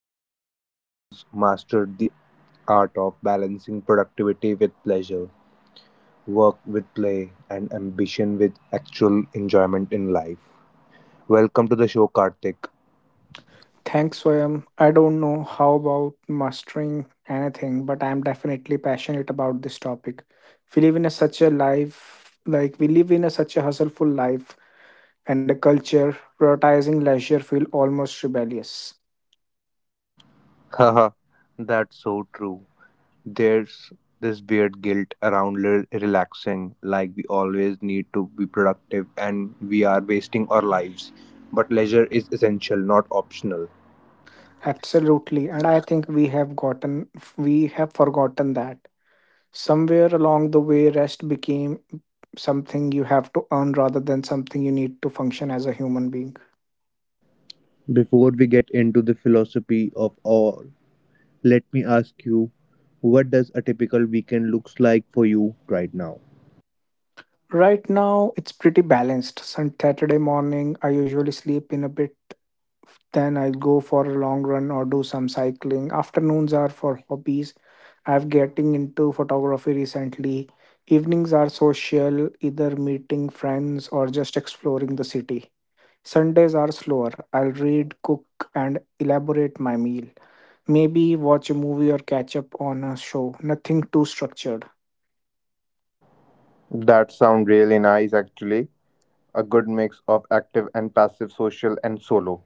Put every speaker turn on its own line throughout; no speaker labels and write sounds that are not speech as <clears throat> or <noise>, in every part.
is a friend who's mastered the art of balancing productivity with pleasure, work with play, and ambition with actual enjoyment in life. Welcome to the show, Karthik.
Thanks, Swayam. I don't know how about mastering anything, but I'm definitely passionate about this topic. We live in a such a life, like we live in a such a hustleful life and a culture prioritizing leisure feel almost rebellious.
Haha, that's so true. There's this weird guilt around relaxing, like we always need to be productive and we are wasting our lives. But leisure is essential, not optional.
Absolutely, and I think we have forgotten that somewhere along the way, rest became something you have to earn rather than something you need to function as a human being.
Before we get into the philosophy of all, let me ask you, what does a typical weekend looks like for you right now?
Right now, it's pretty balanced. Sun Saturday morning, I usually sleep in a bit. Then I go for a long run or do some cycling. Afternoons are for hobbies. I've getting into photography recently. Evenings are social, either meeting friends or just exploring the city. Sundays are slower. I'll read, cook, and elaborate my meal. Maybe watch a movie or catch up on a show. Nothing too structured.
That sound really nice actually. A good mix of active and passive social and solo.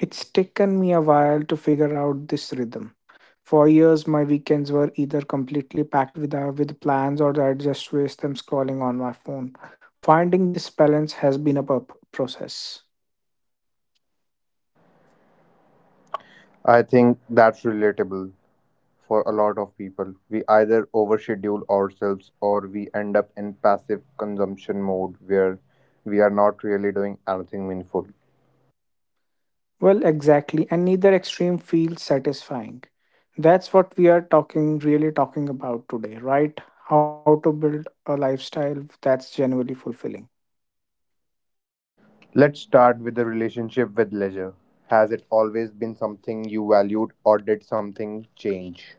It's taken me a while to figure out this rhythm. For years, my weekends were either completely packed with plans or I just waste them scrolling on my phone. Finding this balance has been a process.
I think that's relatable for a lot of people. We either overschedule ourselves or we end up in passive consumption mode where we are not really doing anything meaningful.
Well, exactly, and neither extreme feels satisfying. That's what we are really talking about today, right? How to build a lifestyle that's genuinely fulfilling.
Let's start with the relationship with leisure. Has it always been something you valued, or did something change?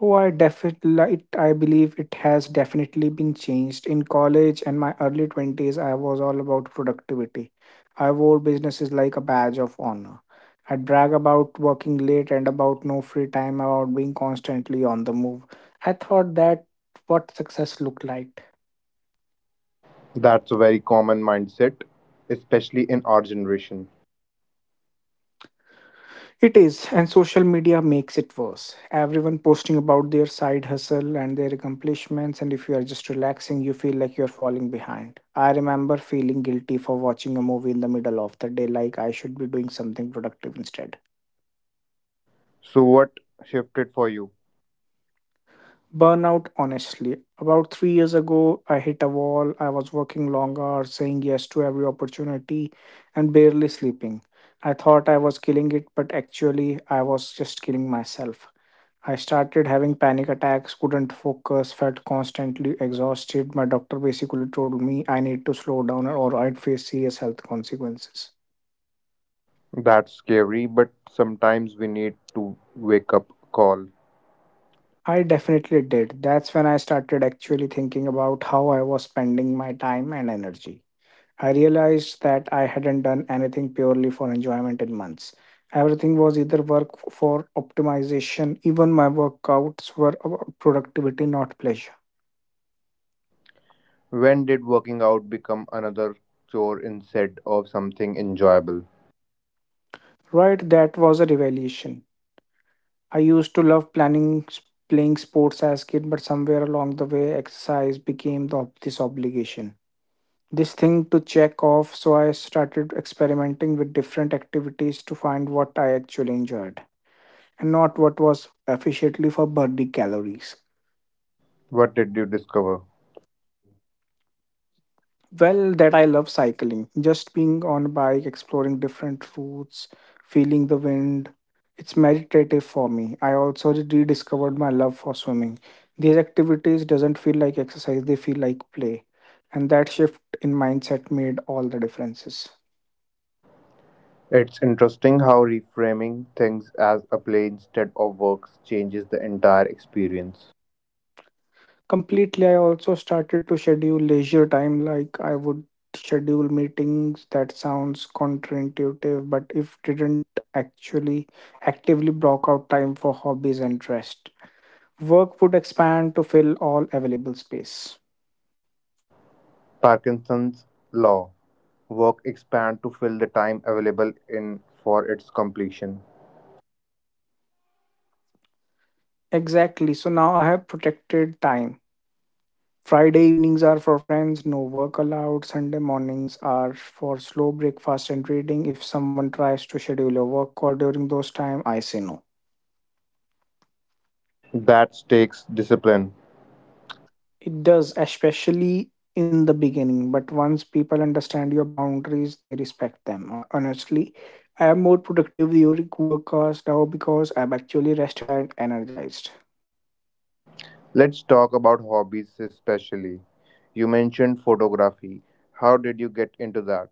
Oh, I believe it has definitely been changed. In college and my early 20s, I was all about productivity. I wore businesses like a badge of honor. I'd brag about working late and about no free time, about being constantly on the move. I thought that what success looked like.
That's a very common mindset, especially in our generation.
It is, and social media makes it worse. Everyone posting about their side hustle and their accomplishments, and if you are just relaxing, you feel like you're falling behind. I remember feeling guilty for watching a movie in the middle of the day, like I should be doing something productive instead.
So, what shifted for you?
Burnout, honestly. About 3 years ago, I hit a wall. I was working long hours, saying yes to every opportunity, and barely sleeping. I thought I was killing it, but actually, I was just killing myself. I started having panic attacks, couldn't focus, felt constantly exhausted. My doctor basically told me I need to slow down or I'd face serious health consequences.
That's scary, but sometimes we need to wake up call.
I definitely did. That's when I started actually thinking about how I was spending my time and energy. I realized that I hadn't done anything purely for enjoyment in months. Everything was either work for optimization, even my workouts were about productivity, not pleasure.
When did working out become another chore instead of something enjoyable?
Right, that was a revelation. I used to love planning playing sports as kid, but somewhere along the way, exercise became this obligation. This thing to check off, so I started experimenting with different activities to find what I actually enjoyed and not what was efficiently for burning calories.
What did you discover?
Well, that I love cycling. Just being on bike, exploring different routes, feeling the wind. It's meditative for me. I also rediscovered my love for swimming. These activities doesn't feel like exercise, they feel like play. And that shift in mindset made all the differences.
It's interesting how reframing things as a play instead of works changes the entire experience.
Completely, I also started to schedule leisure time like I would schedule meetings that sounds counterintuitive but if didn't actually actively block out time for hobbies and rest. Work would expand to fill all available space.
Parkinson's law, work expands to fill the time available in for its completion.
Exactly. So now I have protected time. Friday evenings are for friends, no work allowed. Sunday mornings are for slow breakfast and reading. If someone tries to schedule a work call during those time, I say no.
That takes discipline.
It does, especially in the beginning, but once people understand your boundaries, they respect them. Honestly, I am more productive during work hours now because I'm actually rested and energized.
Let's talk about hobbies especially. You mentioned photography. How did you get into that?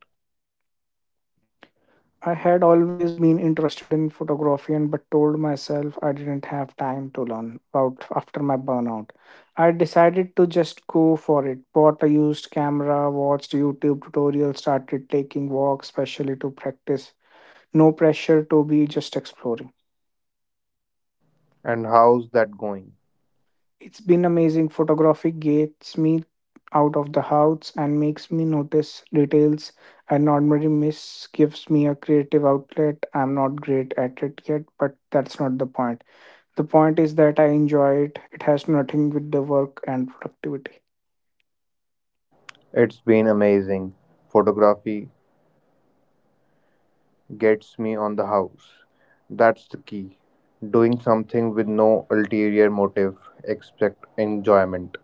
I had always been interested in photography and but told myself I didn't have time to learn about after my burnout. I decided to just go for it. Bought a used camera, watched YouTube tutorials, started taking walks, especially to practice. No pressure to be just exploring.
And how's that going?
It's been amazing. Photography gets me out of the house and makes me notice details I normally miss gives me a creative outlet. I'm not great at it yet, but that's not the point. The point is that I enjoy it. It has nothing with the work and productivity.
It's been amazing. Photography gets me on the house. That's the key. Doing something with no ulterior motive except enjoyment.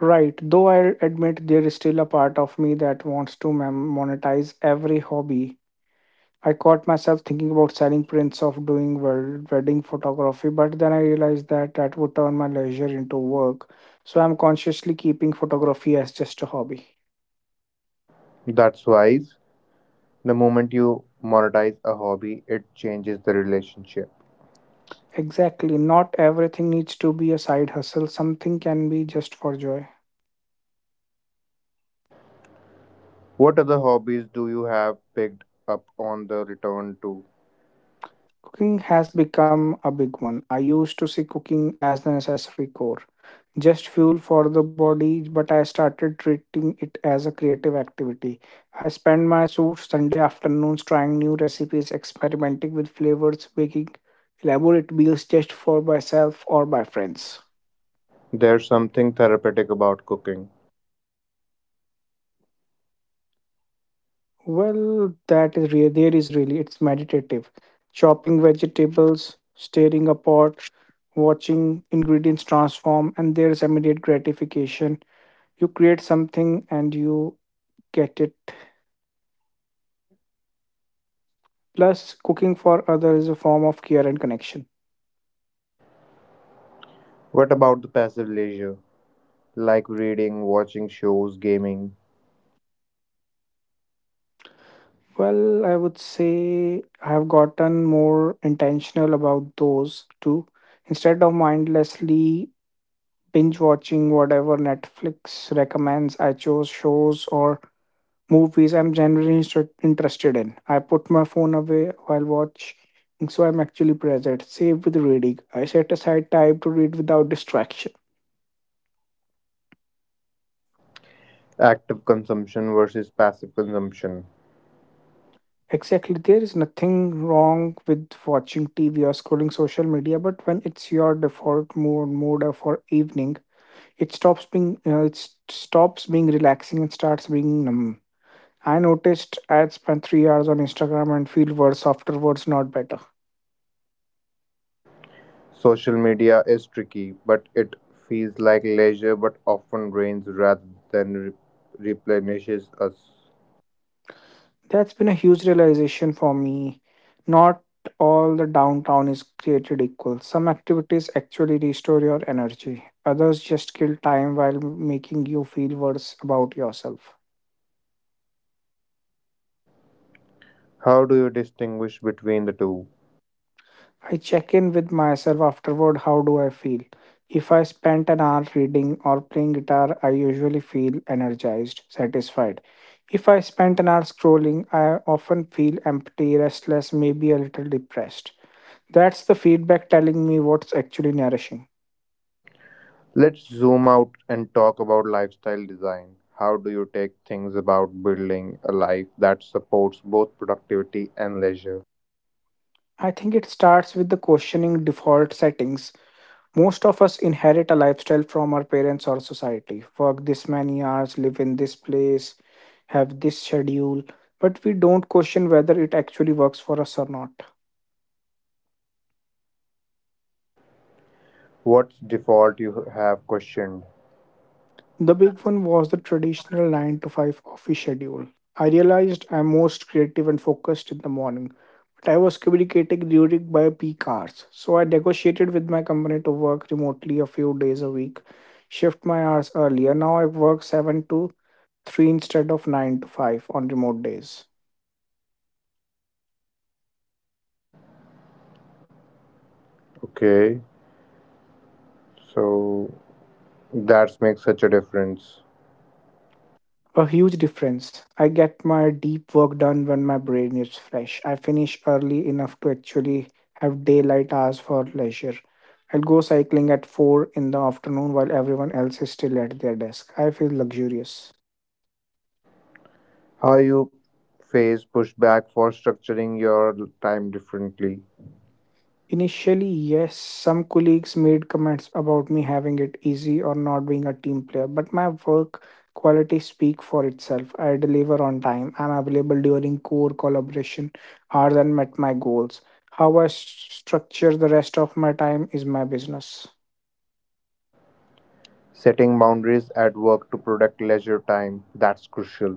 Right, though I admit there is still a part of me that wants to monetize every hobby. I caught myself thinking about selling prints of doing wedding photography, but then I realized that that would turn my leisure into work. So I'm consciously keeping photography as just a hobby.
That's wise. The moment you monetize a hobby, it changes the relationship.
Exactly, not everything needs to be a side hustle, something can be just for joy.
What other hobbies do you have picked up on the return to?
Cooking has become a big one. I used to see cooking as a necessary core, just fuel for the body, but I started treating it as a creative activity. I spend my Sunday afternoons trying new recipes, experimenting with flavors, baking elaborate meals just for myself or my friends.
There's something therapeutic about cooking.
Well, that is real. There is really It's meditative. Chopping vegetables, stirring a pot, watching ingredients transform, and there's immediate gratification you create something and you get it, plus cooking for others is a form of care and connection.
What about the passive leisure? Like reading, watching shows, gaming?
Well, I would say I have gotten more intentional about those two. Instead of mindlessly binge watching whatever Netflix recommends, I chose shows or movies I'm generally interested in. I put my phone away while watch, so I'm actually present, save with reading. I set aside time to read without distraction.
Active consumption versus passive consumption.
Exactly. There is nothing wrong with watching TV or scrolling social media, but when it's your default mode for evening, it stops being relaxing and starts being numb. I noticed I spent 3 hours on Instagram and feel worse afterwards, not better.
Social media is tricky, but it feels like leisure but often drains rather than replenishes us.
That's been a huge realization for me. Not all the downtown is created equal. Some activities actually restore your energy. Others just kill time while making you feel worse about yourself.
How do you distinguish between the two?
I check in with myself afterward, how do I feel? If I spent an hour reading or playing guitar, I usually feel energized, satisfied. If I spent an hour scrolling, I often feel empty, restless, maybe a little depressed. That's the feedback telling me what's actually nourishing.
Let's zoom out and talk about lifestyle design. How do you take things about building a life that supports both productivity and leisure?
I think it starts with the questioning default settings. Most of us inherit a lifestyle from our parents or society. Work this many hours, live in this place, have this schedule, but we don't question whether it actually works for us or not.
What default you have questioned?
The big one was the traditional 9 to 5 office schedule. I realized I'm most creative and focused in the morning, but I was communicating during my peak hours. So I negotiated with my company to work remotely a few days a week, shift my hours earlier. Now I work 7 to 3 instead of 9 to 5 on remote days.
Okay, so that makes such a difference.
A huge difference. I get my deep work done when my brain is fresh. I finish early enough to actually have daylight hours for leisure. I'll go cycling at 4 in the afternoon while everyone else is still at their desk. I feel luxurious.
How you face pushback for structuring your time differently.
Initially, yes, some colleagues made comments about me having it easy or not being a team player, but my work quality speak for itself. I deliver on time. I'm available during core collaboration hours and met my goals. How I structure the rest of my time is my business.
Setting boundaries at work to protect leisure time, that's crucial.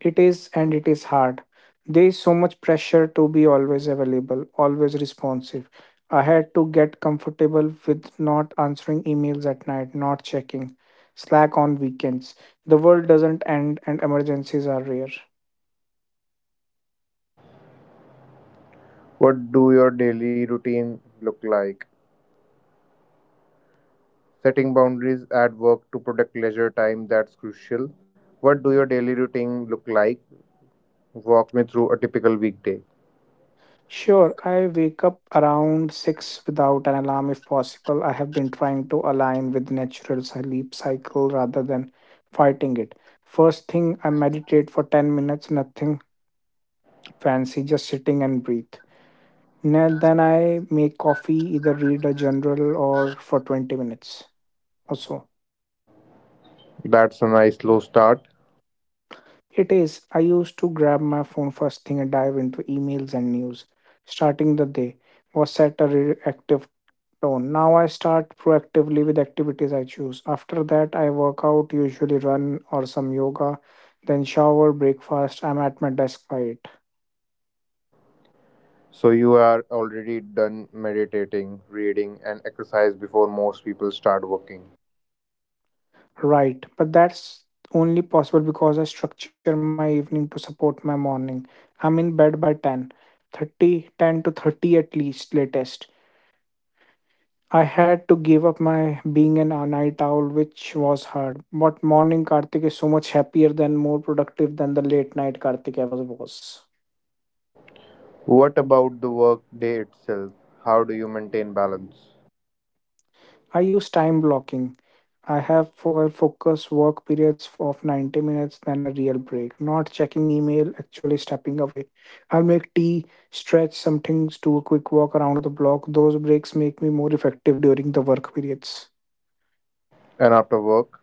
It is, and it is hard. There is so much pressure to be always available, always responsive. I had to get comfortable with not answering emails at night, not checking Slack on weekends. The world doesn't end, and emergencies are rare.
What do your daily routine look like? Setting boundaries at work to protect leisure time, that's crucial. What do your daily routine look like? Walk me through a typical weekday.
Sure, I wake up around 6 without an alarm if possible. I have been trying to align with natural sleep cycle rather than fighting it. First thing, I meditate for 10 minutes, nothing fancy, just sitting and breathe. Now then I make coffee, either read a journal or for 20 minutes or so.
That's a nice slow start.
It is, I used to grab my phone first thing and dive into emails and news. Starting the day was set a reactive tone. Now I start proactively with activities I choose. After that, I work out, usually run or some yoga, then shower, breakfast. I'm at my desk by 8.
So you are already done meditating, reading, and exercise before most people start working.
Right, but that's only possible because I structure my evening to support my morning. I'm in bed by 10, 30 10 to 30 at least, latest. I had to give up my being an a night owl, which was hard. But morning Karthik is so much happier than more productive than the late night Karthik ever was.
What about the work day itself? How do you maintain balance?
I use time blocking. I have for focus work periods of 90 minutes, then a real break. Not checking email, actually stepping away. I'll make tea, stretch some things, do a quick walk around the block. Those breaks make me more effective during the work periods.
And after work,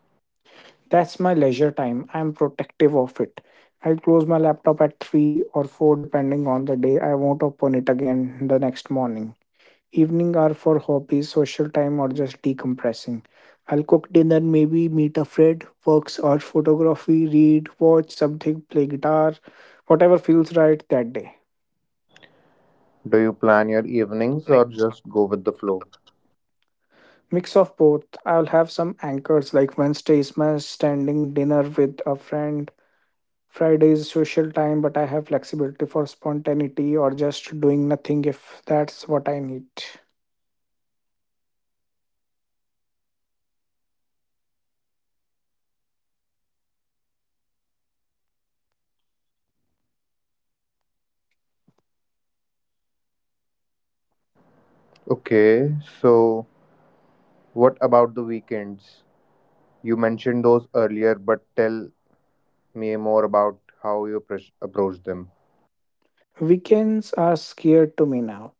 That's my leisure time. I'm protective of it. I close my laptop at 3 or 4 depending on the day. I won't open it again the next morning. Evening are for hobbies, social time, or just decompressing. I'll cook dinner, maybe meet a friend, works or photography, read, watch something, play guitar, whatever feels right that day.
do you plan your evenings or just go with the flow?
Mix of both. I'll have some anchors like Wednesday is my standing dinner with a friend. Friday is social time, but I have flexibility for spontaneity or just doing nothing if that's what I need.
Okay, so what about the weekends? You mentioned those earlier, but tell me more about how you approach them.
Weekends are scared to me now.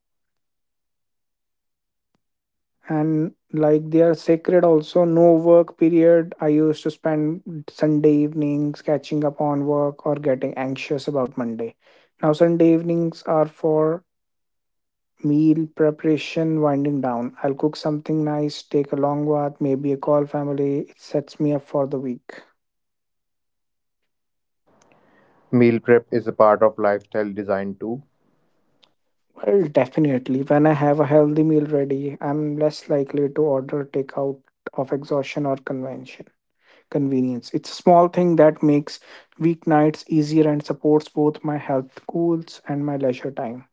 And like they are sacred also, no work period. I used to spend Sunday evenings catching up on work or getting anxious about Monday. Now Sunday evenings are for meal preparation, winding down. I'll cook something nice, take a long bath, maybe a call family. It sets me up for the week.
Meal prep is a part of lifestyle design too.
Well, definitely, when I have a healthy meal ready, I'm less likely to order takeout of exhaustion or convention convenience. It's a small thing that makes weeknights easier and supports both my health goals and my leisure time.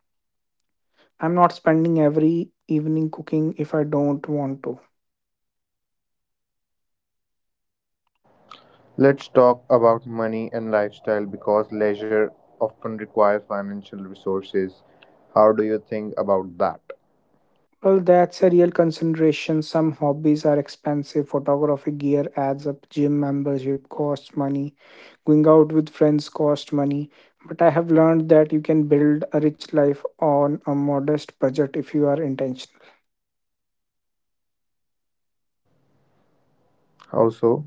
I'm not spending every evening cooking if I don't want to.
Let's talk about money and lifestyle because leisure often requires financial resources. How do you think about that?
Well, that's a real consideration. Some hobbies are expensive. Photography gear adds up. Gym membership costs money. Going out with friends costs money. But I have learned that you can build a rich life on a modest budget if you are intentional.
How so?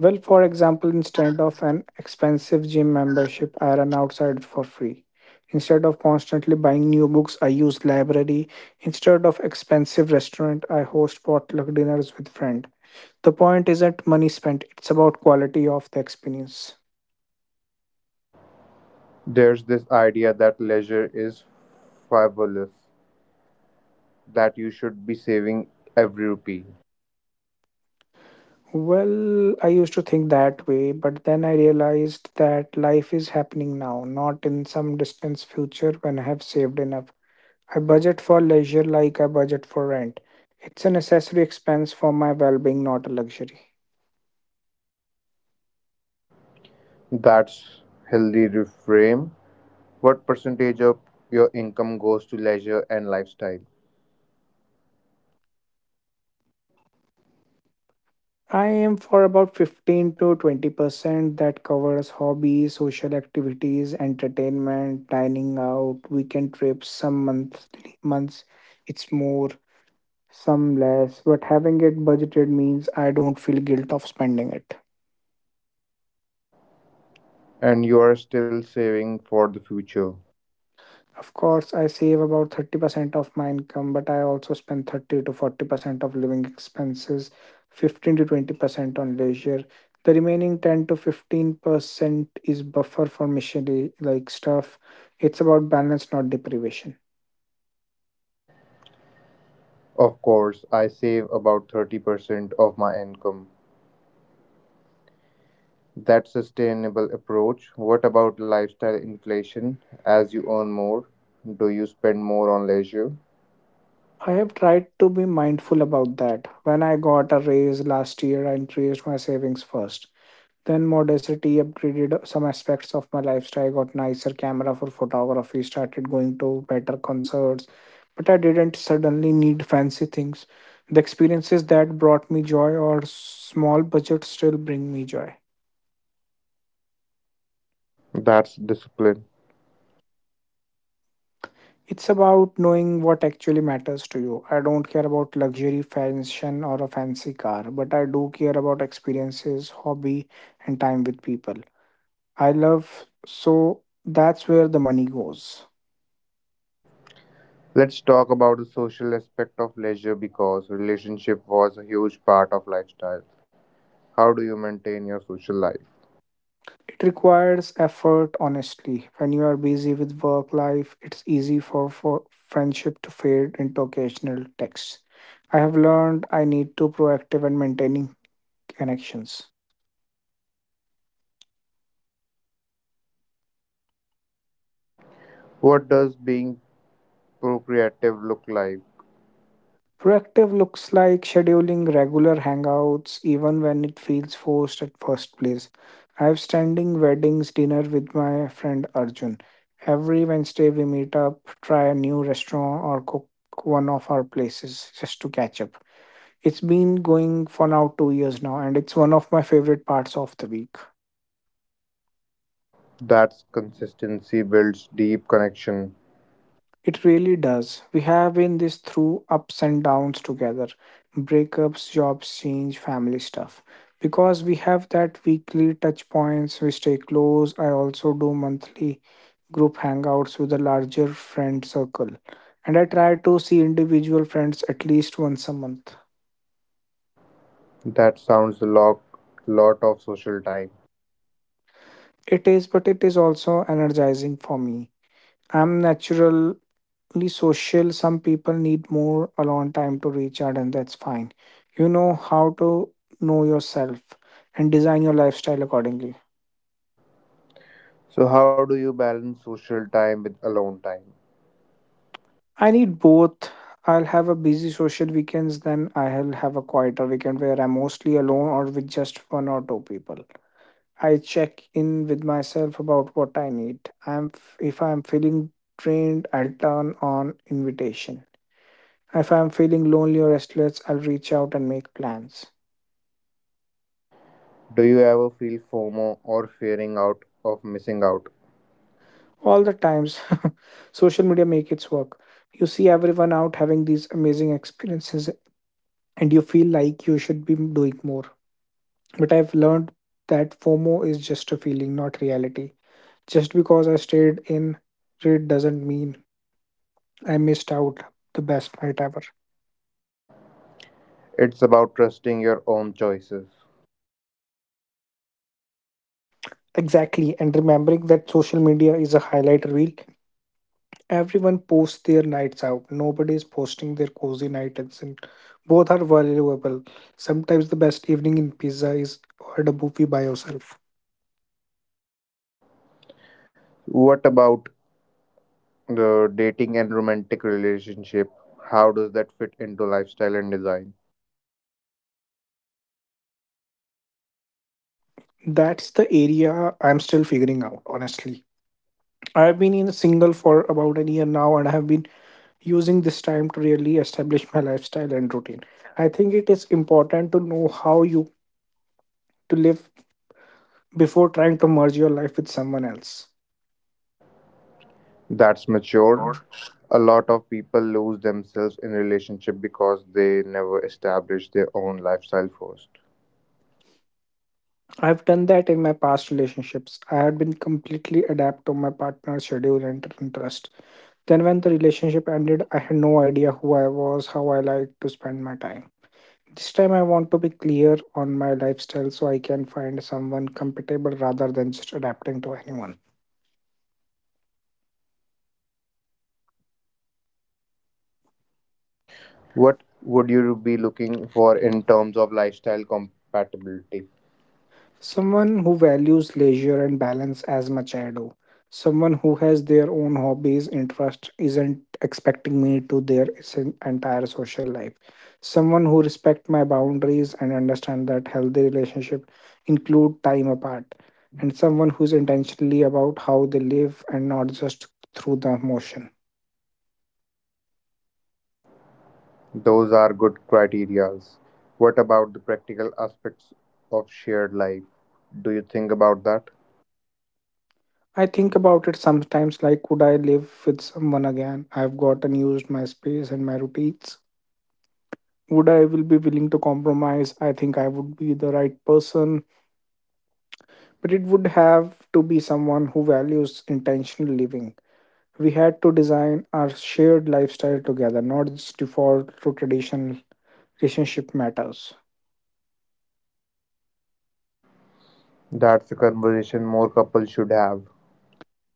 Well, for example, instead of an expensive gym membership, I run outside for free. Instead of constantly buying new books, I use library. Instead of expensive restaurant, I host potluck dinners with friend. The point isn't money spent, it's about quality of the experience.
There's this idea that leisure is frivolous, that you should be saving every rupee.
Well, I used to think that way, but then I realized that life is happening now, not in some distant future when I have saved enough. I budget for leisure like I budget for rent. It's a necessary expense for my well being, not a luxury.
That's healthy reframe. What percentage of your income goes to leisure and lifestyle?
I aim for about 15 to 20% that covers hobbies, social activities, entertainment, dining out, weekend trips. Some monthly months it's more, some less, but having it budgeted means I don't feel guilt of spending it.
And you are still saving for the future.
Of course, I save about 30% of my income, but I also spend 30 to 40% of living expenses, 15 to 20% on leisure. The remaining 10 to 15% is buffer for missionary like stuff. It's about balance, not deprivation.
Of course, I save about 30% of my income. That's sustainable approach. What about lifestyle inflation? As you earn more, do you spend more on leisure?
I have tried to be mindful about that. When I got a raise last year, I increased my savings first. Then modesty upgraded some aspects of my lifestyle. I got nicer camera for photography, started going to better concerts, but I didn't suddenly need fancy things. The experiences that brought me joy or small budget still bring me joy.
That's discipline.
It's about knowing what actually matters to you. I don't care about luxury fashion or a fancy car, but I do care about experiences, hobby, and time with people I love. So that's where the money goes.
Let's talk about the social aspect of leisure because relationship was a huge part of lifestyle. How do you maintain your social life?
It requires effort, honestly. When you are busy with work life, it's easy for friendship to fade into occasional texts. I have learned I need to proactive and maintaining connections.
What does being procreative look like?
Proactive looks like scheduling regular hangouts even when it feels forced at first place. I have standing weddings dinner with my friend Arjun. Every Wednesday we meet up, try a new restaurant or cook one of our places just to catch up. It's been going for now 2 years now, and it's one of my favorite parts of the week.
That's consistency builds deep connection.
It really does. We have been this through ups and downs together, breakups, jobs, change, family stuff. Because we have that weekly touch points, we stay close. I also do monthly group hangouts with a larger friend circle. And I try to see individual friends at least once a month.
That sounds a lot of social time.
It is, but it is also energizing for me. I'm natural only social. Some people need more alone time to recharge, and that's fine. You know how to know yourself and design your lifestyle accordingly.
So how do you balance social time with alone time?
I need both. I'll have a busy social weekends, then I'll have a quieter weekend where I'm mostly alone or with just one or two people. I check in with myself about what I need. I'm if i'm feeling drained, I'll turn on invitation. If I'm feeling lonely or restless, I'll reach out and make plans.
Do you ever feel FOMO or fearing out of missing out?
All the times. <laughs> Social media make its work. You see everyone out having these amazing experiences, and you feel like you should be doing more, but I've learned that FOMO is just a feeling, not reality. Just because I stayed in, it doesn't mean I missed out the best night ever.
It's about trusting your own choices.
Exactly, and remembering that social media is a highlight reel. Everyone posts their nights out. Nobody is posting their cozy nights, and both are valuable. Sometimes the best evening in pizza is at a buffet by yourself.
What about the dating and romantic relationship, how does that fit into lifestyle and design?
That's the area I'm still figuring out, honestly. I've been in a single for about a year now, and I have been using this time to really establish my lifestyle and routine. I think it is important to know how you to live before trying to merge your life with someone else.
That's mature. A lot of people lose themselves in relationship because they never establish their own lifestyle first.
I've done that in my past relationships. I had been completely adapt to my partner's schedule and interest. Then when the relationship ended, I had no idea who I was, how I liked to spend my time. This time I want to be clear on my lifestyle so I can find someone compatible rather than just adapting to anyone.
What would you be looking for in terms of lifestyle compatibility?
Someone who values leisure and balance as much I do. Someone who has their own hobbies, interest, isn't expecting me to their entire social life. Someone who respect my boundaries and understand that healthy relationship include time apart. And someone who's intentionally about how they live and not just through the motion.
Those are good criterias. What about the practical aspects of shared life? Do you think about that?
I think about it sometimes like, could I live with someone again? I've gotten used my space and my routines. Would I will be willing to compromise? I think I would be the right person, but it would have to be someone who values intentional living. We had to design our shared lifestyle together, not just default to traditional relationship matters.
That's a conversation more couples should have.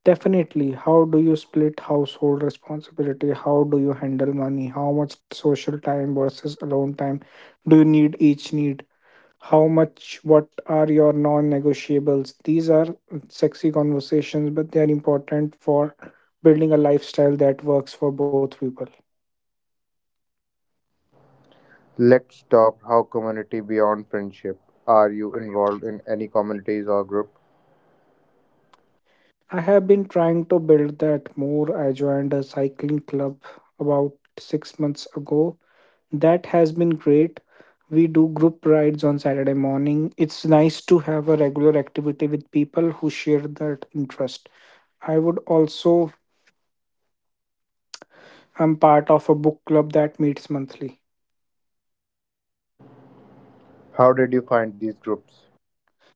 Definitely, how do you split household responsibility? How do you handle money? How much social time versus alone time do you need each need? How much? What are your non negotiables? These are sexy conversations, but they are important for building a lifestyle that works for both people.
Let's talk how community beyond friendship. Are you involved in any communities or group?
I have been trying to build that more. I joined a cycling club about 6 months ago. That has been great. We do group rides on Saturday morning. It's nice to have a regular activity with people who share that interest. I would also, I'm part of a book club that meets monthly.
How did you find these groups?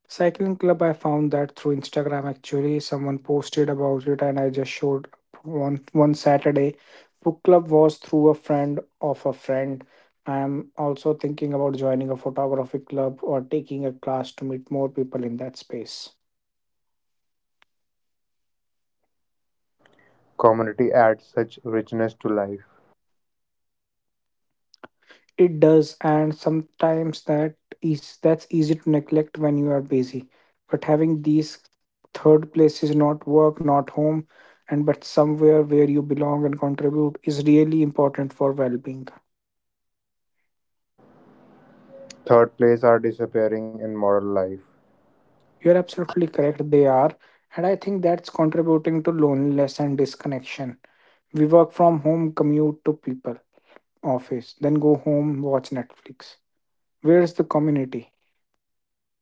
Cycling club, I found that through Instagram actually. Someone posted about it and I just showed one Saturday. Book club was through a friend of a friend. I am also thinking about joining a photography club or taking a class to meet more people in that space.
Community adds such richness to life.
It does, and sometimes that is that's easy to neglect when you are busy. But having these third place is not work, not home, and but somewhere where you belong and contribute is really important for well-being.
Third place are disappearing in modern life.
You're absolutely correct, they are, and I think that's contributing to loneliness and disconnection. We work from home, commute to people, office, then go home, watch Netflix. Where's the community?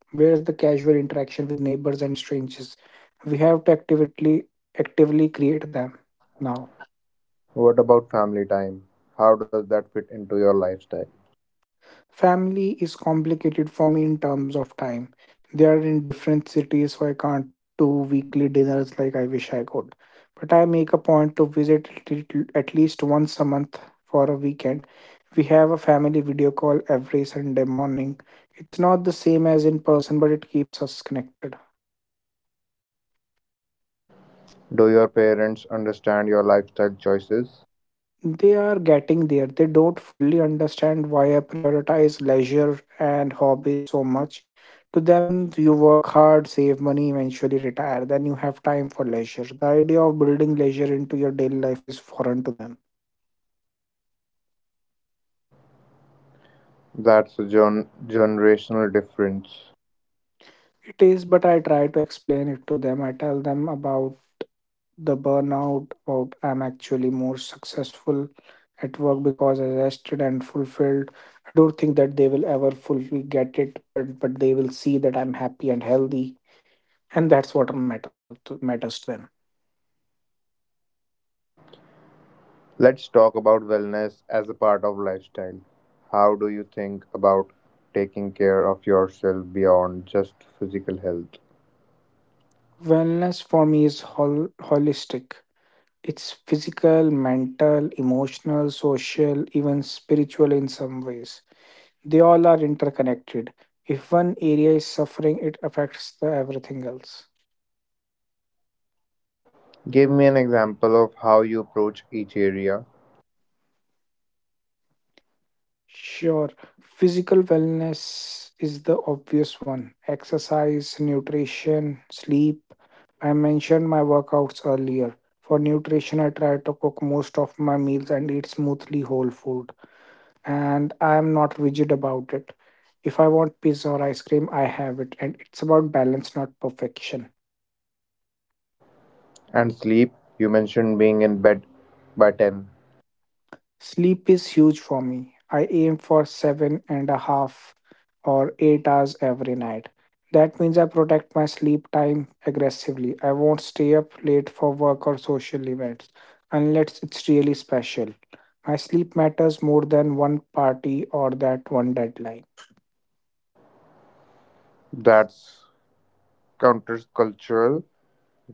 Where is the casual interaction with neighbors and strangers? We have to actively create them now.
What about family time? How does that fit into your lifestyle?
Family is complicated for me in terms of time. They are in different cities, so I can't do weekly dinners like I wish I could. But I make a point to visit at at least once a month for a weekend. We have a family video call every Sunday morning. It's not the same as in person, but it keeps us connected.
Do your parents understand your lifestyle choices?
They are getting there. They don't fully understand why I prioritize leisure and hobbies so much. To them, you work hard, save money, eventually retire. Then you have time for leisure. The idea of building leisure into your daily life is foreign to them.
That's a generational difference.
It is, but I try to explain it to them. I tell them about the burnout, about I'm actually more successful at work because I rested and fulfilled. I don't think that they will ever fully get it, but they will see that I'm happy and healthy. And that's what matters to them.
Let's talk about wellness as a part of lifestyle. How do you think about taking care of yourself beyond just physical health?
Wellness for me is holistic. It's physical, mental, emotional, social, even spiritual in some ways. They all are interconnected. If one area is suffering, it affects the everything else.
Give me an example of how you approach each area.
Sure, physical wellness is the obvious one. Exercise, nutrition, sleep. I mentioned my workouts earlier. For nutrition, I try to cook most of my meals and eat smoothly whole food. And I am not rigid about it. If I want pizza or ice cream, I have it. And it's about balance, not perfection.
And sleep, you mentioned being in bed by 10.
Sleep is huge for me. I aim for 7.5 or 8 hours every night. That means I protect my sleep time aggressively. I won't stay up late for work or social events unless it's really special. My sleep matters more than one party or that one deadline.
That's countercultural.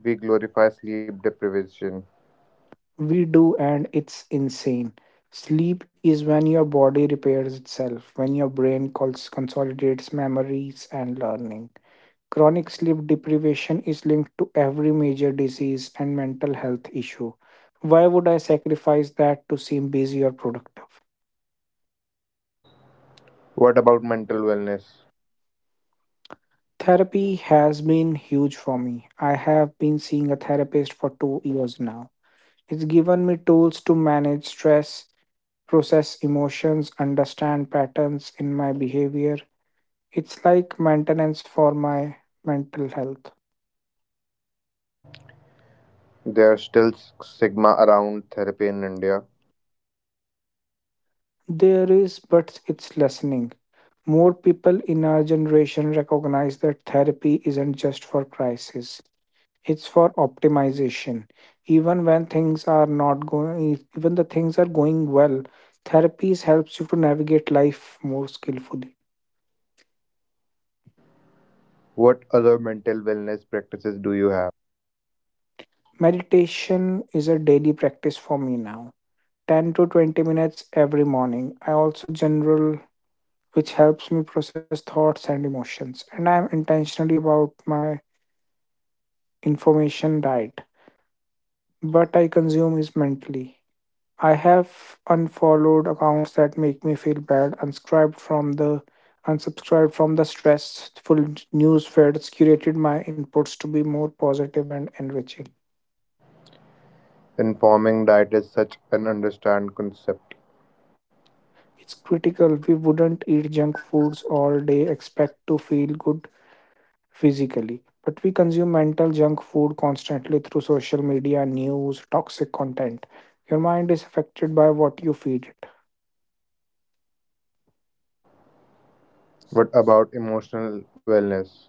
We glorify sleep deprivation.
We do, and it's insane. Sleep is when your body repairs itself, when your brain consolidates memories and learning. Chronic sleep deprivation is linked to every major disease and mental health issue. Why would I sacrifice that to seem busy or productive?
What about mental wellness?
Therapy has been huge for me. I have been seeing a therapist for 2 years now. It's given me tools to manage stress, process emotions, understand patterns in my behavior. It's like maintenance for my mental health.
There's still stigma around therapy in India.
There is, but it's lessening. More people in our generation recognize that therapy isn't just for crisis, it's for optimization. Even when things are not going, even the things are going well, therapies helps you to navigate life more skillfully.
What other mental wellness practices do you have?
Meditation is a daily practice for me now. 10 to 20 minutes every morning. I also journal, which helps me process thoughts and emotions, and I am intentionally about my information diet, but I consume is mentally. I have unfollowed accounts that make me feel bad, unsubscribed from the stressful news feeds, curated my inputs to be more positive and enriching.
Informing diet is such an understand concept.
It's critical, we wouldn't eat junk foods all day, expect to feel good physically. But we consume mental junk food constantly through social media, news, toxic content. Your mind is affected by what you feed.
What about emotional wellness?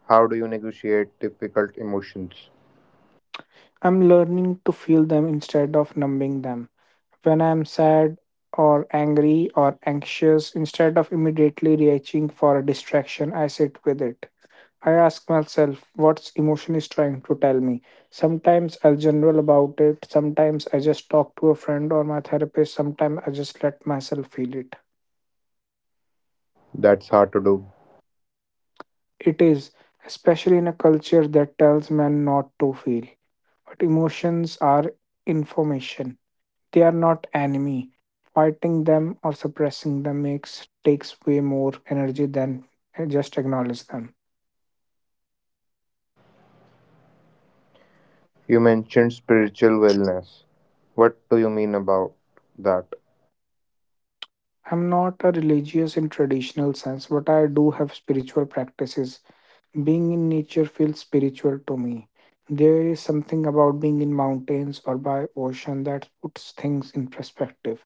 How do you negotiate difficult emotions?
I'm learning to feel them instead of numbing them. When I'm sad or angry or anxious, instead of immediately reaching for a distraction, I sit with it. I ask myself what emotion is trying to tell me. Sometimes I'll general about it, sometimes I just talk to a friend or my therapist, sometimes I just let myself feel it.
That's hard to do.
It is, especially in a culture that tells men not to feel. But emotions are information. They are not enemy. Fighting them or suppressing them makes takes way more energy than just acknowledge them.
You mentioned spiritual wellness. What do you mean about that?
I'm not a religious in traditional sense, but I do have spiritual practices. Being in nature feels spiritual to me. There is something about being in mountains or by ocean that puts things in perspective,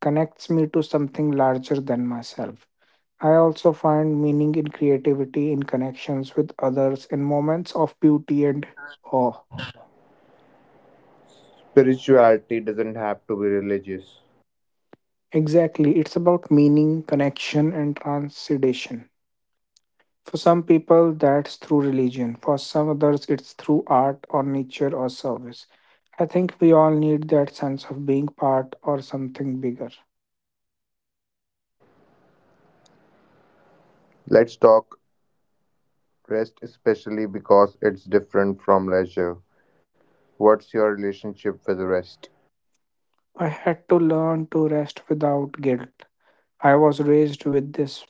connects me to something larger than myself. I also find meaning in creativity, in connections with others, in moments of beauty and awe.
Spirituality doesn't have to be religious.
Exactly, it's about meaning, connection, and transcendation. For some people, that's through religion. For some others, it's through art or nature or service. I think we all need that sense of being part or something bigger.
Let's talk rest, especially because it's different from leisure. What's your relationship with rest?
I had to learn to rest without guilt. I was raised with this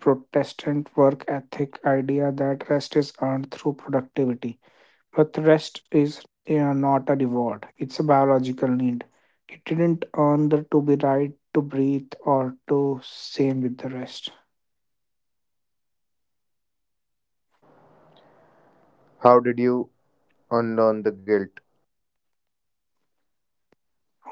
Protestant work ethic idea that rest is earned through productivity. But rest is not a reward, it's a biological need. It didn't earn the to be right, to breathe, or to same with the rest.
How did you unlearn the guilt?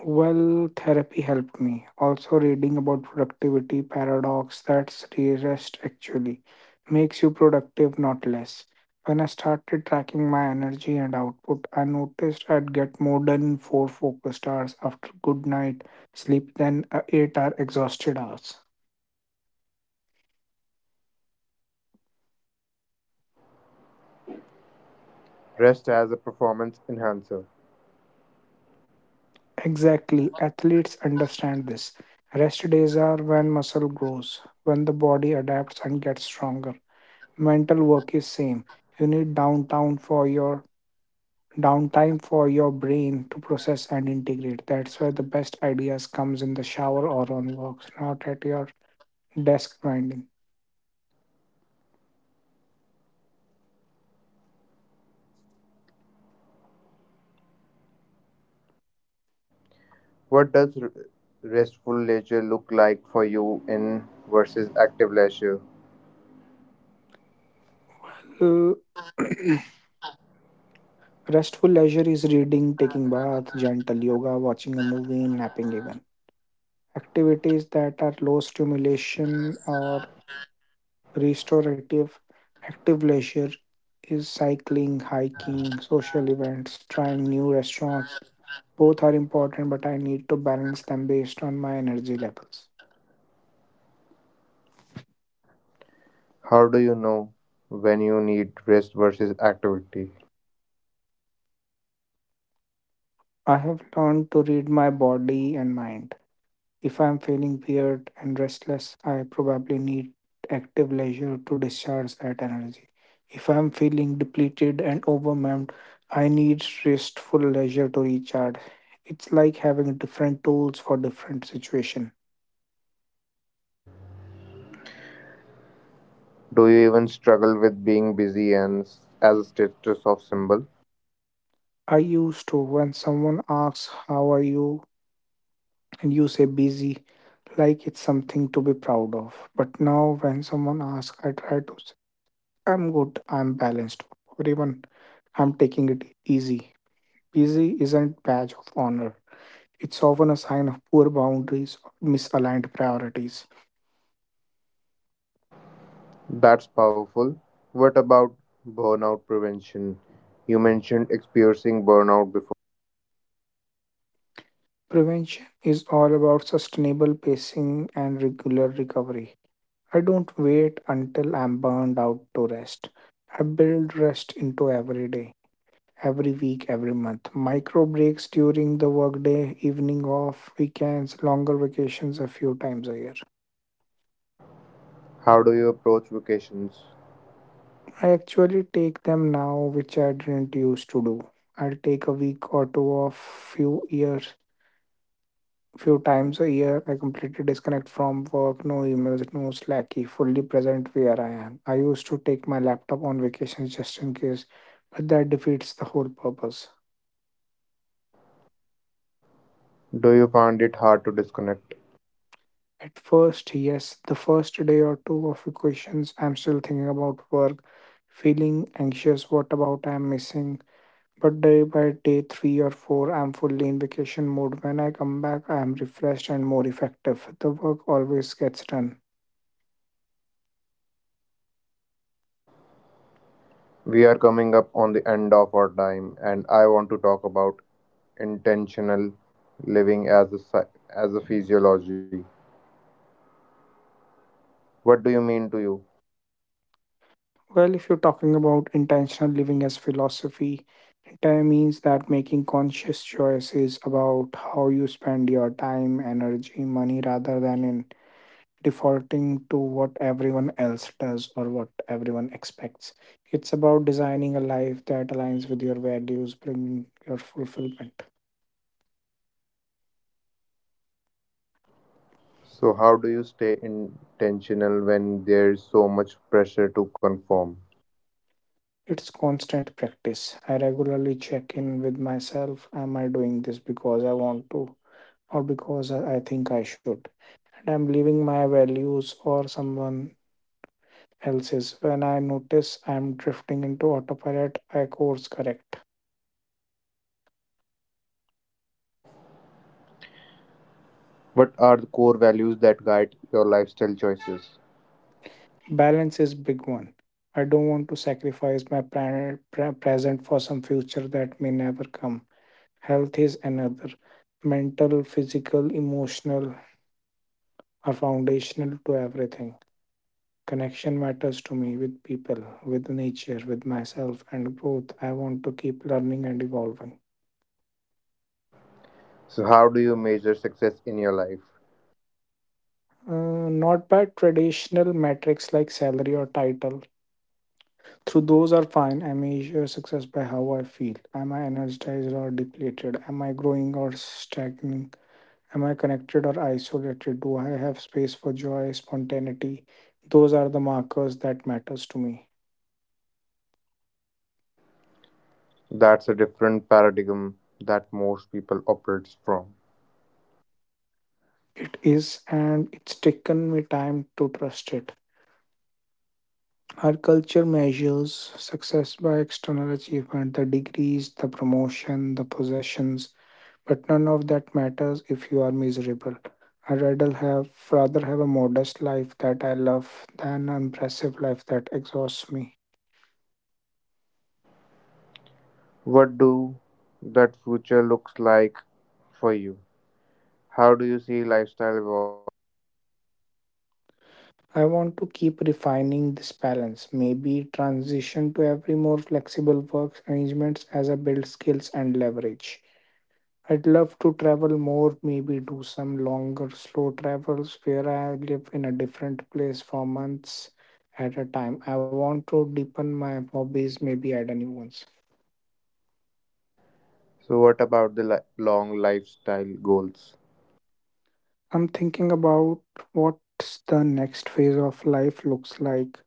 Well, therapy helped me. Also, reading about productivity paradox that's rarest actually makes you productive, not less. When I started tracking my energy and output, I noticed I'd get more done in four focused hours after good night sleep than 8 hour exhausted hours.
Rest as a performance enhancer.
Exactly, athletes understand this. Rest days are when muscle grows, when the body adapts and gets stronger. Mental work is same, you need downtown for your downtime for your brain to process and integrate. That's where the best ideas comes, in the shower or on walks, not at your desk grinding.
What does restful leisure look like for you in versus active leisure?
Uh, <clears throat> Restful leisure is reading, taking bath, gentle yoga, watching a movie, napping even. Activities that are low stimulation or restorative. Active leisure is cycling, hiking, social events, trying new restaurants. Both are important, but I need to balance them based on my energy levels.
How do you know when you need rest versus activity?
I have learned to read my body and mind. If I am feeling weird and restless, I probably need active leisure to discharge that energy. If I am feeling depleted and overwhelmed, I need restful leisure to recharge. It's like having different tools for different situation.
Do you even struggle with being busy and as a status of symbol?
I used to, when someone asks how are you and you say busy like it's something to be proud of. But now when someone asks I try to, I'm good. I'm balanced. Or even, I'm taking it easy. Busy isn't badge of honor. It's often a sign of poor boundaries or misaligned priorities.
That's powerful. What about burnout prevention? You mentioned experiencing burnout before.
Prevention is all about sustainable pacing and regular recovery. I don't wait until I'm burned out to rest. I build rest into every day, every week, every month. Micro breaks during the workday, evening off, weekends, longer vacations a few times a year.
How do you approach vacations?
I actually take them now, which I didn't used to do. I'll take a week or two off few years, few times a year. I completely disconnect from work, no emails, no slacky, fully present where I am. I used to take my laptop on vacations just in case, but that defeats the whole purpose.
Do you find it hard to disconnect?
At first, yes, the first day or two of vacations, I'm still thinking about work, feeling anxious what about I'm missing. But day by day three or four, I'm fully in vacation mode. When I come back, I am refreshed and more effective. The work always gets done.
We are coming up on the end of our time, and I want to talk about intentional living as a as a physiology. What do you mean to you?
Well, if you're talking about intentional living as philosophy, time means that making conscious choices about how you spend your time, energy, money rather than in defaulting to what everyone else does or what everyone expects. It's about designing a life that aligns with your values, bringing your fulfillment.
So how do you stay intentional when there's so much pressure to conform?
It's constant practice. I regularly check in with myself. Am I doing this because I want to, or because I think I should? And I'm leaving my values or someone else's. When I notice I'm drifting into autopilot, I course correct.
What are the core values that guide your lifestyle choices?
Balance is big one. I don't want to sacrifice my present for some future that may never come. Health is another. Mental, physical, emotional are foundational to everything. Connection matters to me, with people, with nature, with myself, and growth. I want to keep learning and evolving.
So how do you measure success in your life?
Not by traditional metrics like salary or title. Through those are fine. I measure success by how I feel. Am I energized or depleted? Am I growing or stagnating? Am I connected or isolated? Do I have space for joy, spontaneity? Those are the markers that matters to me.
That's a different paradigm that most people operates from.
It is, and it's taken me time to trust it. Our culture measures success by external achievement, the degrees, the promotion, the possessions, but none of that matters if you are miserable. I'd rather have a modest life that I love than an impressive life that exhausts me.
What do that future looks like for you? How do you see lifestyle evolving?
I want to keep refining this balance, maybe transition to every more flexible work arrangements as I build skills and leverage. I'd love to travel more, maybe do some longer, slow travels where I live in a different place for months at a time. I want to deepen my hobbies, maybe add a new ones.
So, what about the long lifestyle goals?
I'm thinking about what's the next phase of life looks like.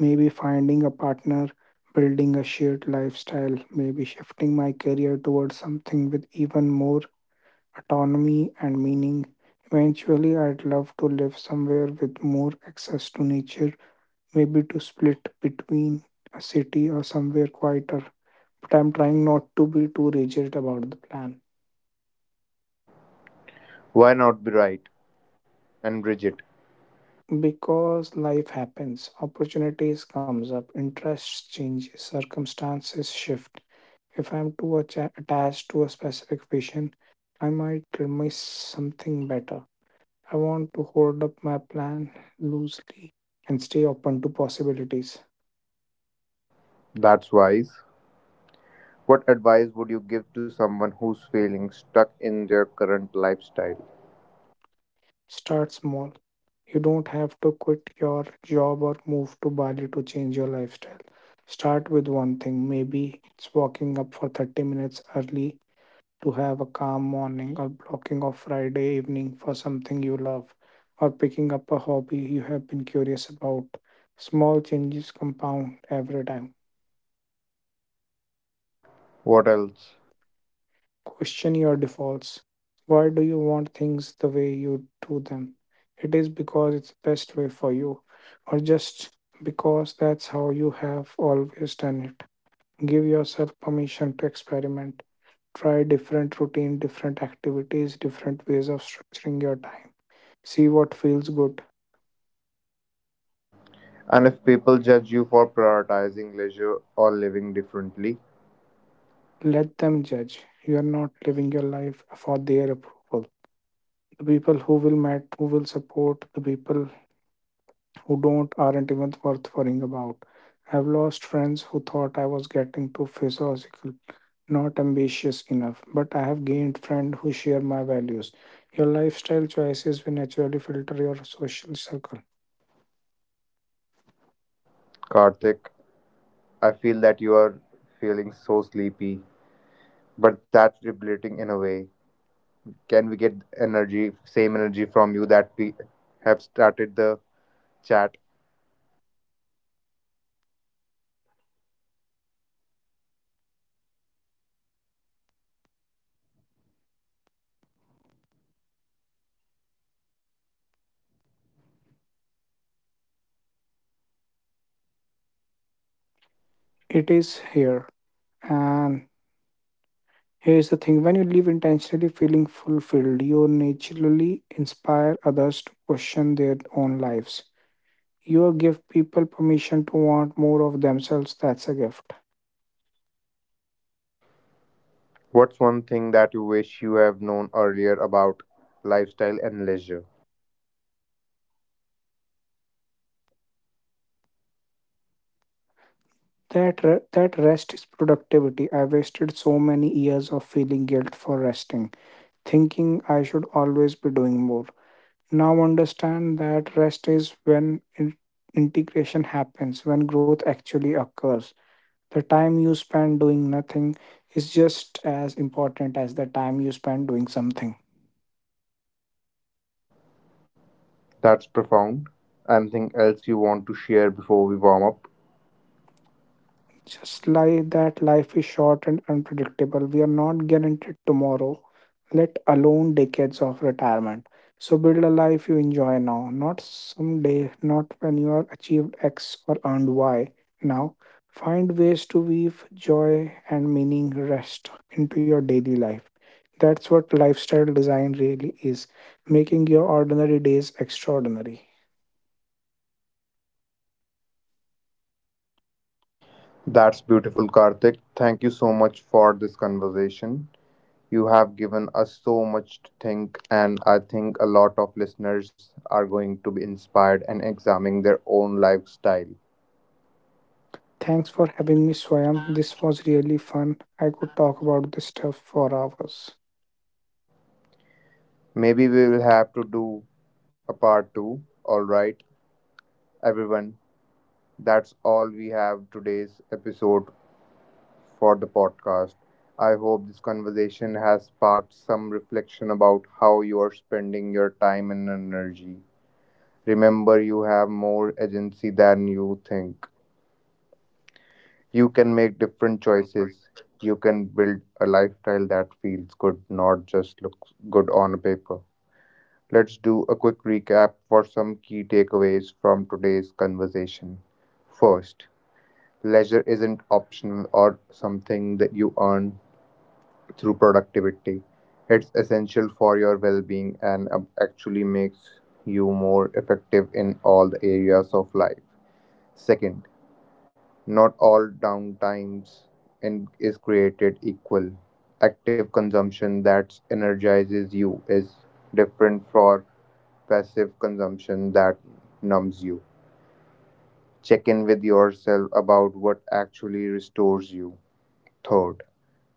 Maybe finding a partner, building a shared lifestyle, maybe shifting my career towards something with even more autonomy and meaning. Eventually, I'd love to live somewhere with more access to nature, maybe to split between a city or somewhere quieter. But I'm trying not to be too rigid about the plan,
Why not be right and rigid?
because life happens, opportunities comes up, interests changes, circumstances shift. If I'm too attached to a specific vision, I might miss something better. I want to hold up my plan loosely and stay open to possibilities.
That's wise. What advice would you give to someone who's feeling stuck in their current lifestyle?
Start small. You don't have to quit your job or move to Bali to change your lifestyle. Start with one thing. Maybe it's walking up for 30 minutes early to have a calm morning, or blocking off Friday evening for something you love, or picking up a hobby you have been curious about. Small changes compound every time.
What else?
Question your defaults. Why do you want things the way you do them? It is because it's the best way for you, or just because that's how you have always done it. Give yourself permission to experiment. Try different routine, different activities, different ways of structuring your time. See what feels good.
And if people judge you for prioritizing leisure or living differently,
Let them judge. You are not living your life for their approval. The people who will matter, who will support, the people who don't aren't even worth worrying about. I've lost friends who thought I was getting too philosophical, not ambitious enough, but I have gained friends who share my values. Your lifestyle choices will naturally filter your social circle.
Karthik, I feel that you are feeling so sleepy, but that's depleting in a way. Can we get energy, same energy from you that we have started the chat.
It is here. And here's the thing, when you live intentionally feeling fulfilled, you naturally inspire others to question their own lives. You give people permission to want more of themselves. That's a gift.
What's one thing that you wish you have known earlier about lifestyle and leisure?
That rest is productivity. I wasted so many years of feeling guilt for resting, thinking I should always be doing more. Now understand that rest is when integration happens, when growth actually occurs. The time you spend doing nothing is just as important as the time you spend doing something.
That's profound. Anything else you want to share before we warm up?
Just like that, life is short and unpredictable. We are not guaranteed tomorrow, let alone decades of retirement. So build a life you enjoy now, not someday, not when you are achieved X or earned Y. Now, find ways to weave joy and meaning rest into your daily life. That's what lifestyle design really is, making your ordinary days extraordinary.
That's beautiful, Karthik. Thank you so much for this conversation. You have given us so much to think, and I think a lot of listeners are going to be inspired and examining their own lifestyle.
Thanks for having me, Swayam. This was really fun. I could talk about this stuff for hours.
Maybe we will have to do a part two. All right, everyone, that's all we have today's episode for the podcast. I hope this conversation has sparked some reflection about how you are spending your time and energy. Remember, you have more agency than you think. You can make different choices. You can build a lifestyle that feels good, not just looks good on paper. Let's do a quick recap for some key takeaways from today's conversation. First, leisure isn't optional or something that you earn through productivity. It's essential for your well being and actually makes you more effective in all the areas of life. Second, not all downtimes in, is created equal. Active consumption that energizes you is different from passive consumption that numbs you. Check in with yourself about what actually restores you. Third,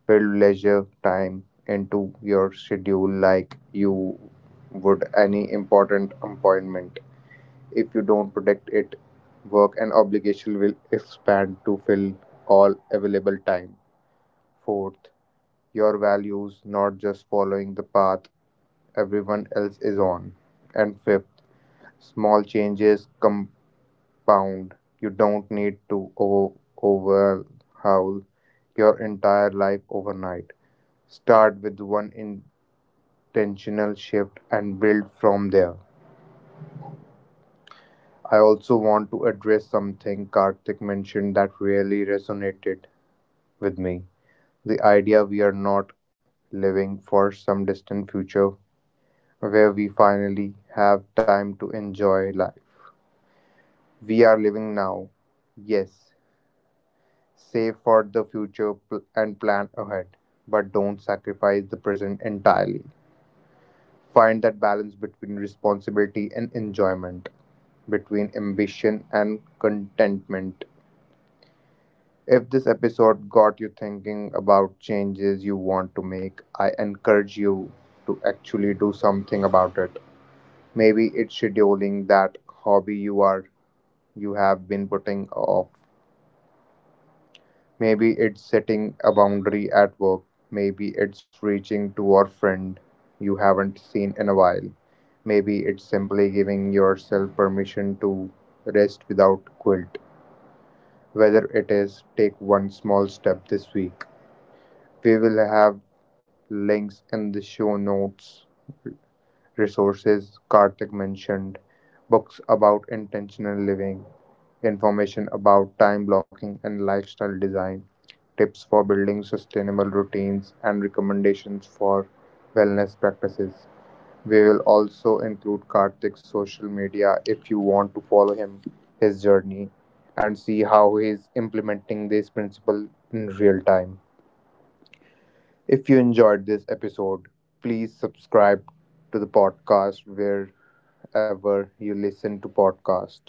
build leisure time into your schedule like you would any important appointment. If you don't protect it, work and obligation will expand to fill all available time. Fourth, your values, not just following the path everyone else is on. And fifth, small changes compound. You don't need to overhaul your entire life overnight. Start with one in Tensional shift and build from there. I also want to address something Karthik mentioned that really resonated with me, the idea we are not living for some distant future where we finally have time to enjoy life. We are living now, yes, save for the future and plan ahead, but don't sacrifice the present entirely. Find that balance between responsibility and enjoyment, between ambition and contentment. If this episode got you thinking about changes you want to make, I encourage you to actually do something about it. Maybe it's scheduling that hobby you have been putting off. Maybe it's setting a boundary at work. Maybe it's reaching to a friend you haven't seen in a while. Maybe it's simply giving yourself permission to rest without guilt. Whether it is take one small step this week. We will have links in the show notes, resources Karthik mentioned, books about intentional living, information about time blocking and lifestyle design, tips for building sustainable routines, and recommendations for wellness practices. We will also include Karthik's social media if you want to follow him, his journey, and see how he is implementing this principle in real time. If you enjoyed this episode, please subscribe to the podcast wherever you listen to podcasts.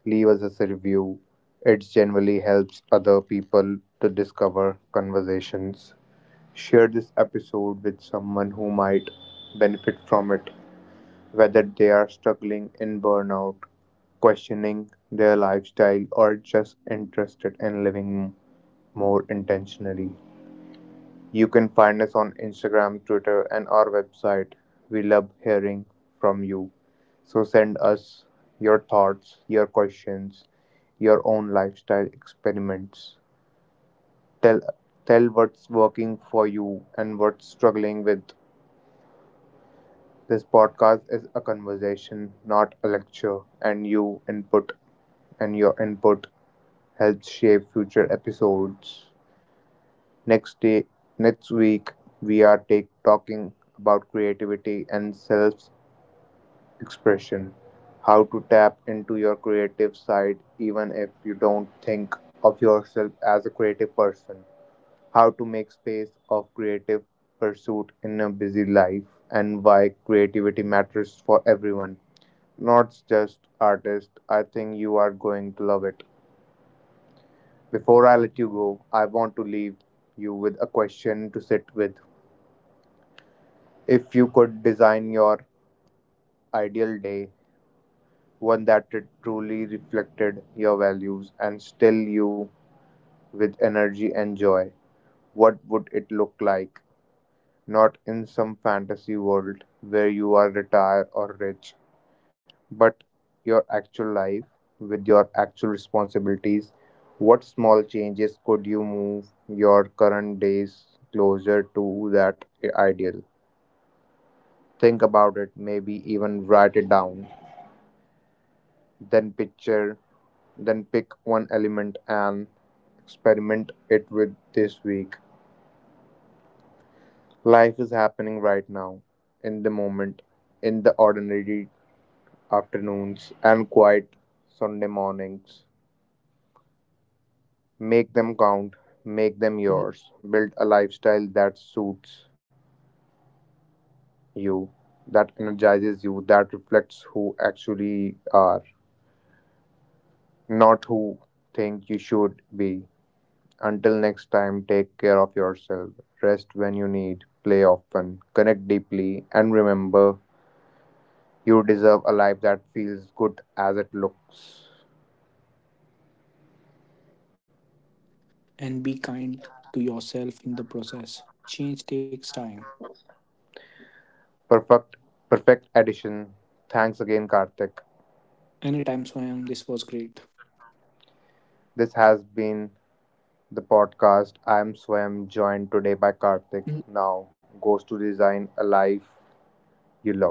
Leave us as a review. It generally helps other people to discover conversations. Share this episode with someone who might benefit from it, whether they are struggling in burnout, questioning their lifestyle, or just interested in living more intentionally. You can find us on Instagram, Twitter, and our website. We love hearing from you. So send us your thoughts, your questions, your own lifestyle experiments. Tell tell what's working for you and what's struggling with. This podcast is a conversation, not a lecture, and your input helps shape future episodes. Next day, next week, we are talking about creativity and self-expression. How to tap into your creative side even if you don't think of yourself as a creative person. How to make space of creative pursuit in a busy life and why creativity matters for everyone. Not just artists. I think you are going to love it. Before I let you go, I want to leave you with a question to sit with. If you could design your ideal day, one that it truly reflected your values and still you with energy and joy, what would it look like? Not in some fantasy world where you are retired or rich, but your actual life with your actual responsibilities, what small changes could you move your current days closer to that ideal? Think about it, maybe even write it down, then picture then pick one element and experiment it with this week. Life is happening right now, in the moment, in the ordinary afternoons and quiet Sunday mornings. Make them count, make them yours. Build a lifestyle that suits you, that energizes you, that reflects who actually are, not who think you should be. Until next time, take care of yourself. Rest when you need, play often, connect deeply, and remember you deserve a life that feels good as it looks.
And be kind to yourself in the process. Change takes time.
Perfect perfect addition. Thanks again, Karthik.
Anytime, Swayam, this was great.
This has been the podcast. I'm Swam, joined today by Karthik. Now goes to design a life you love.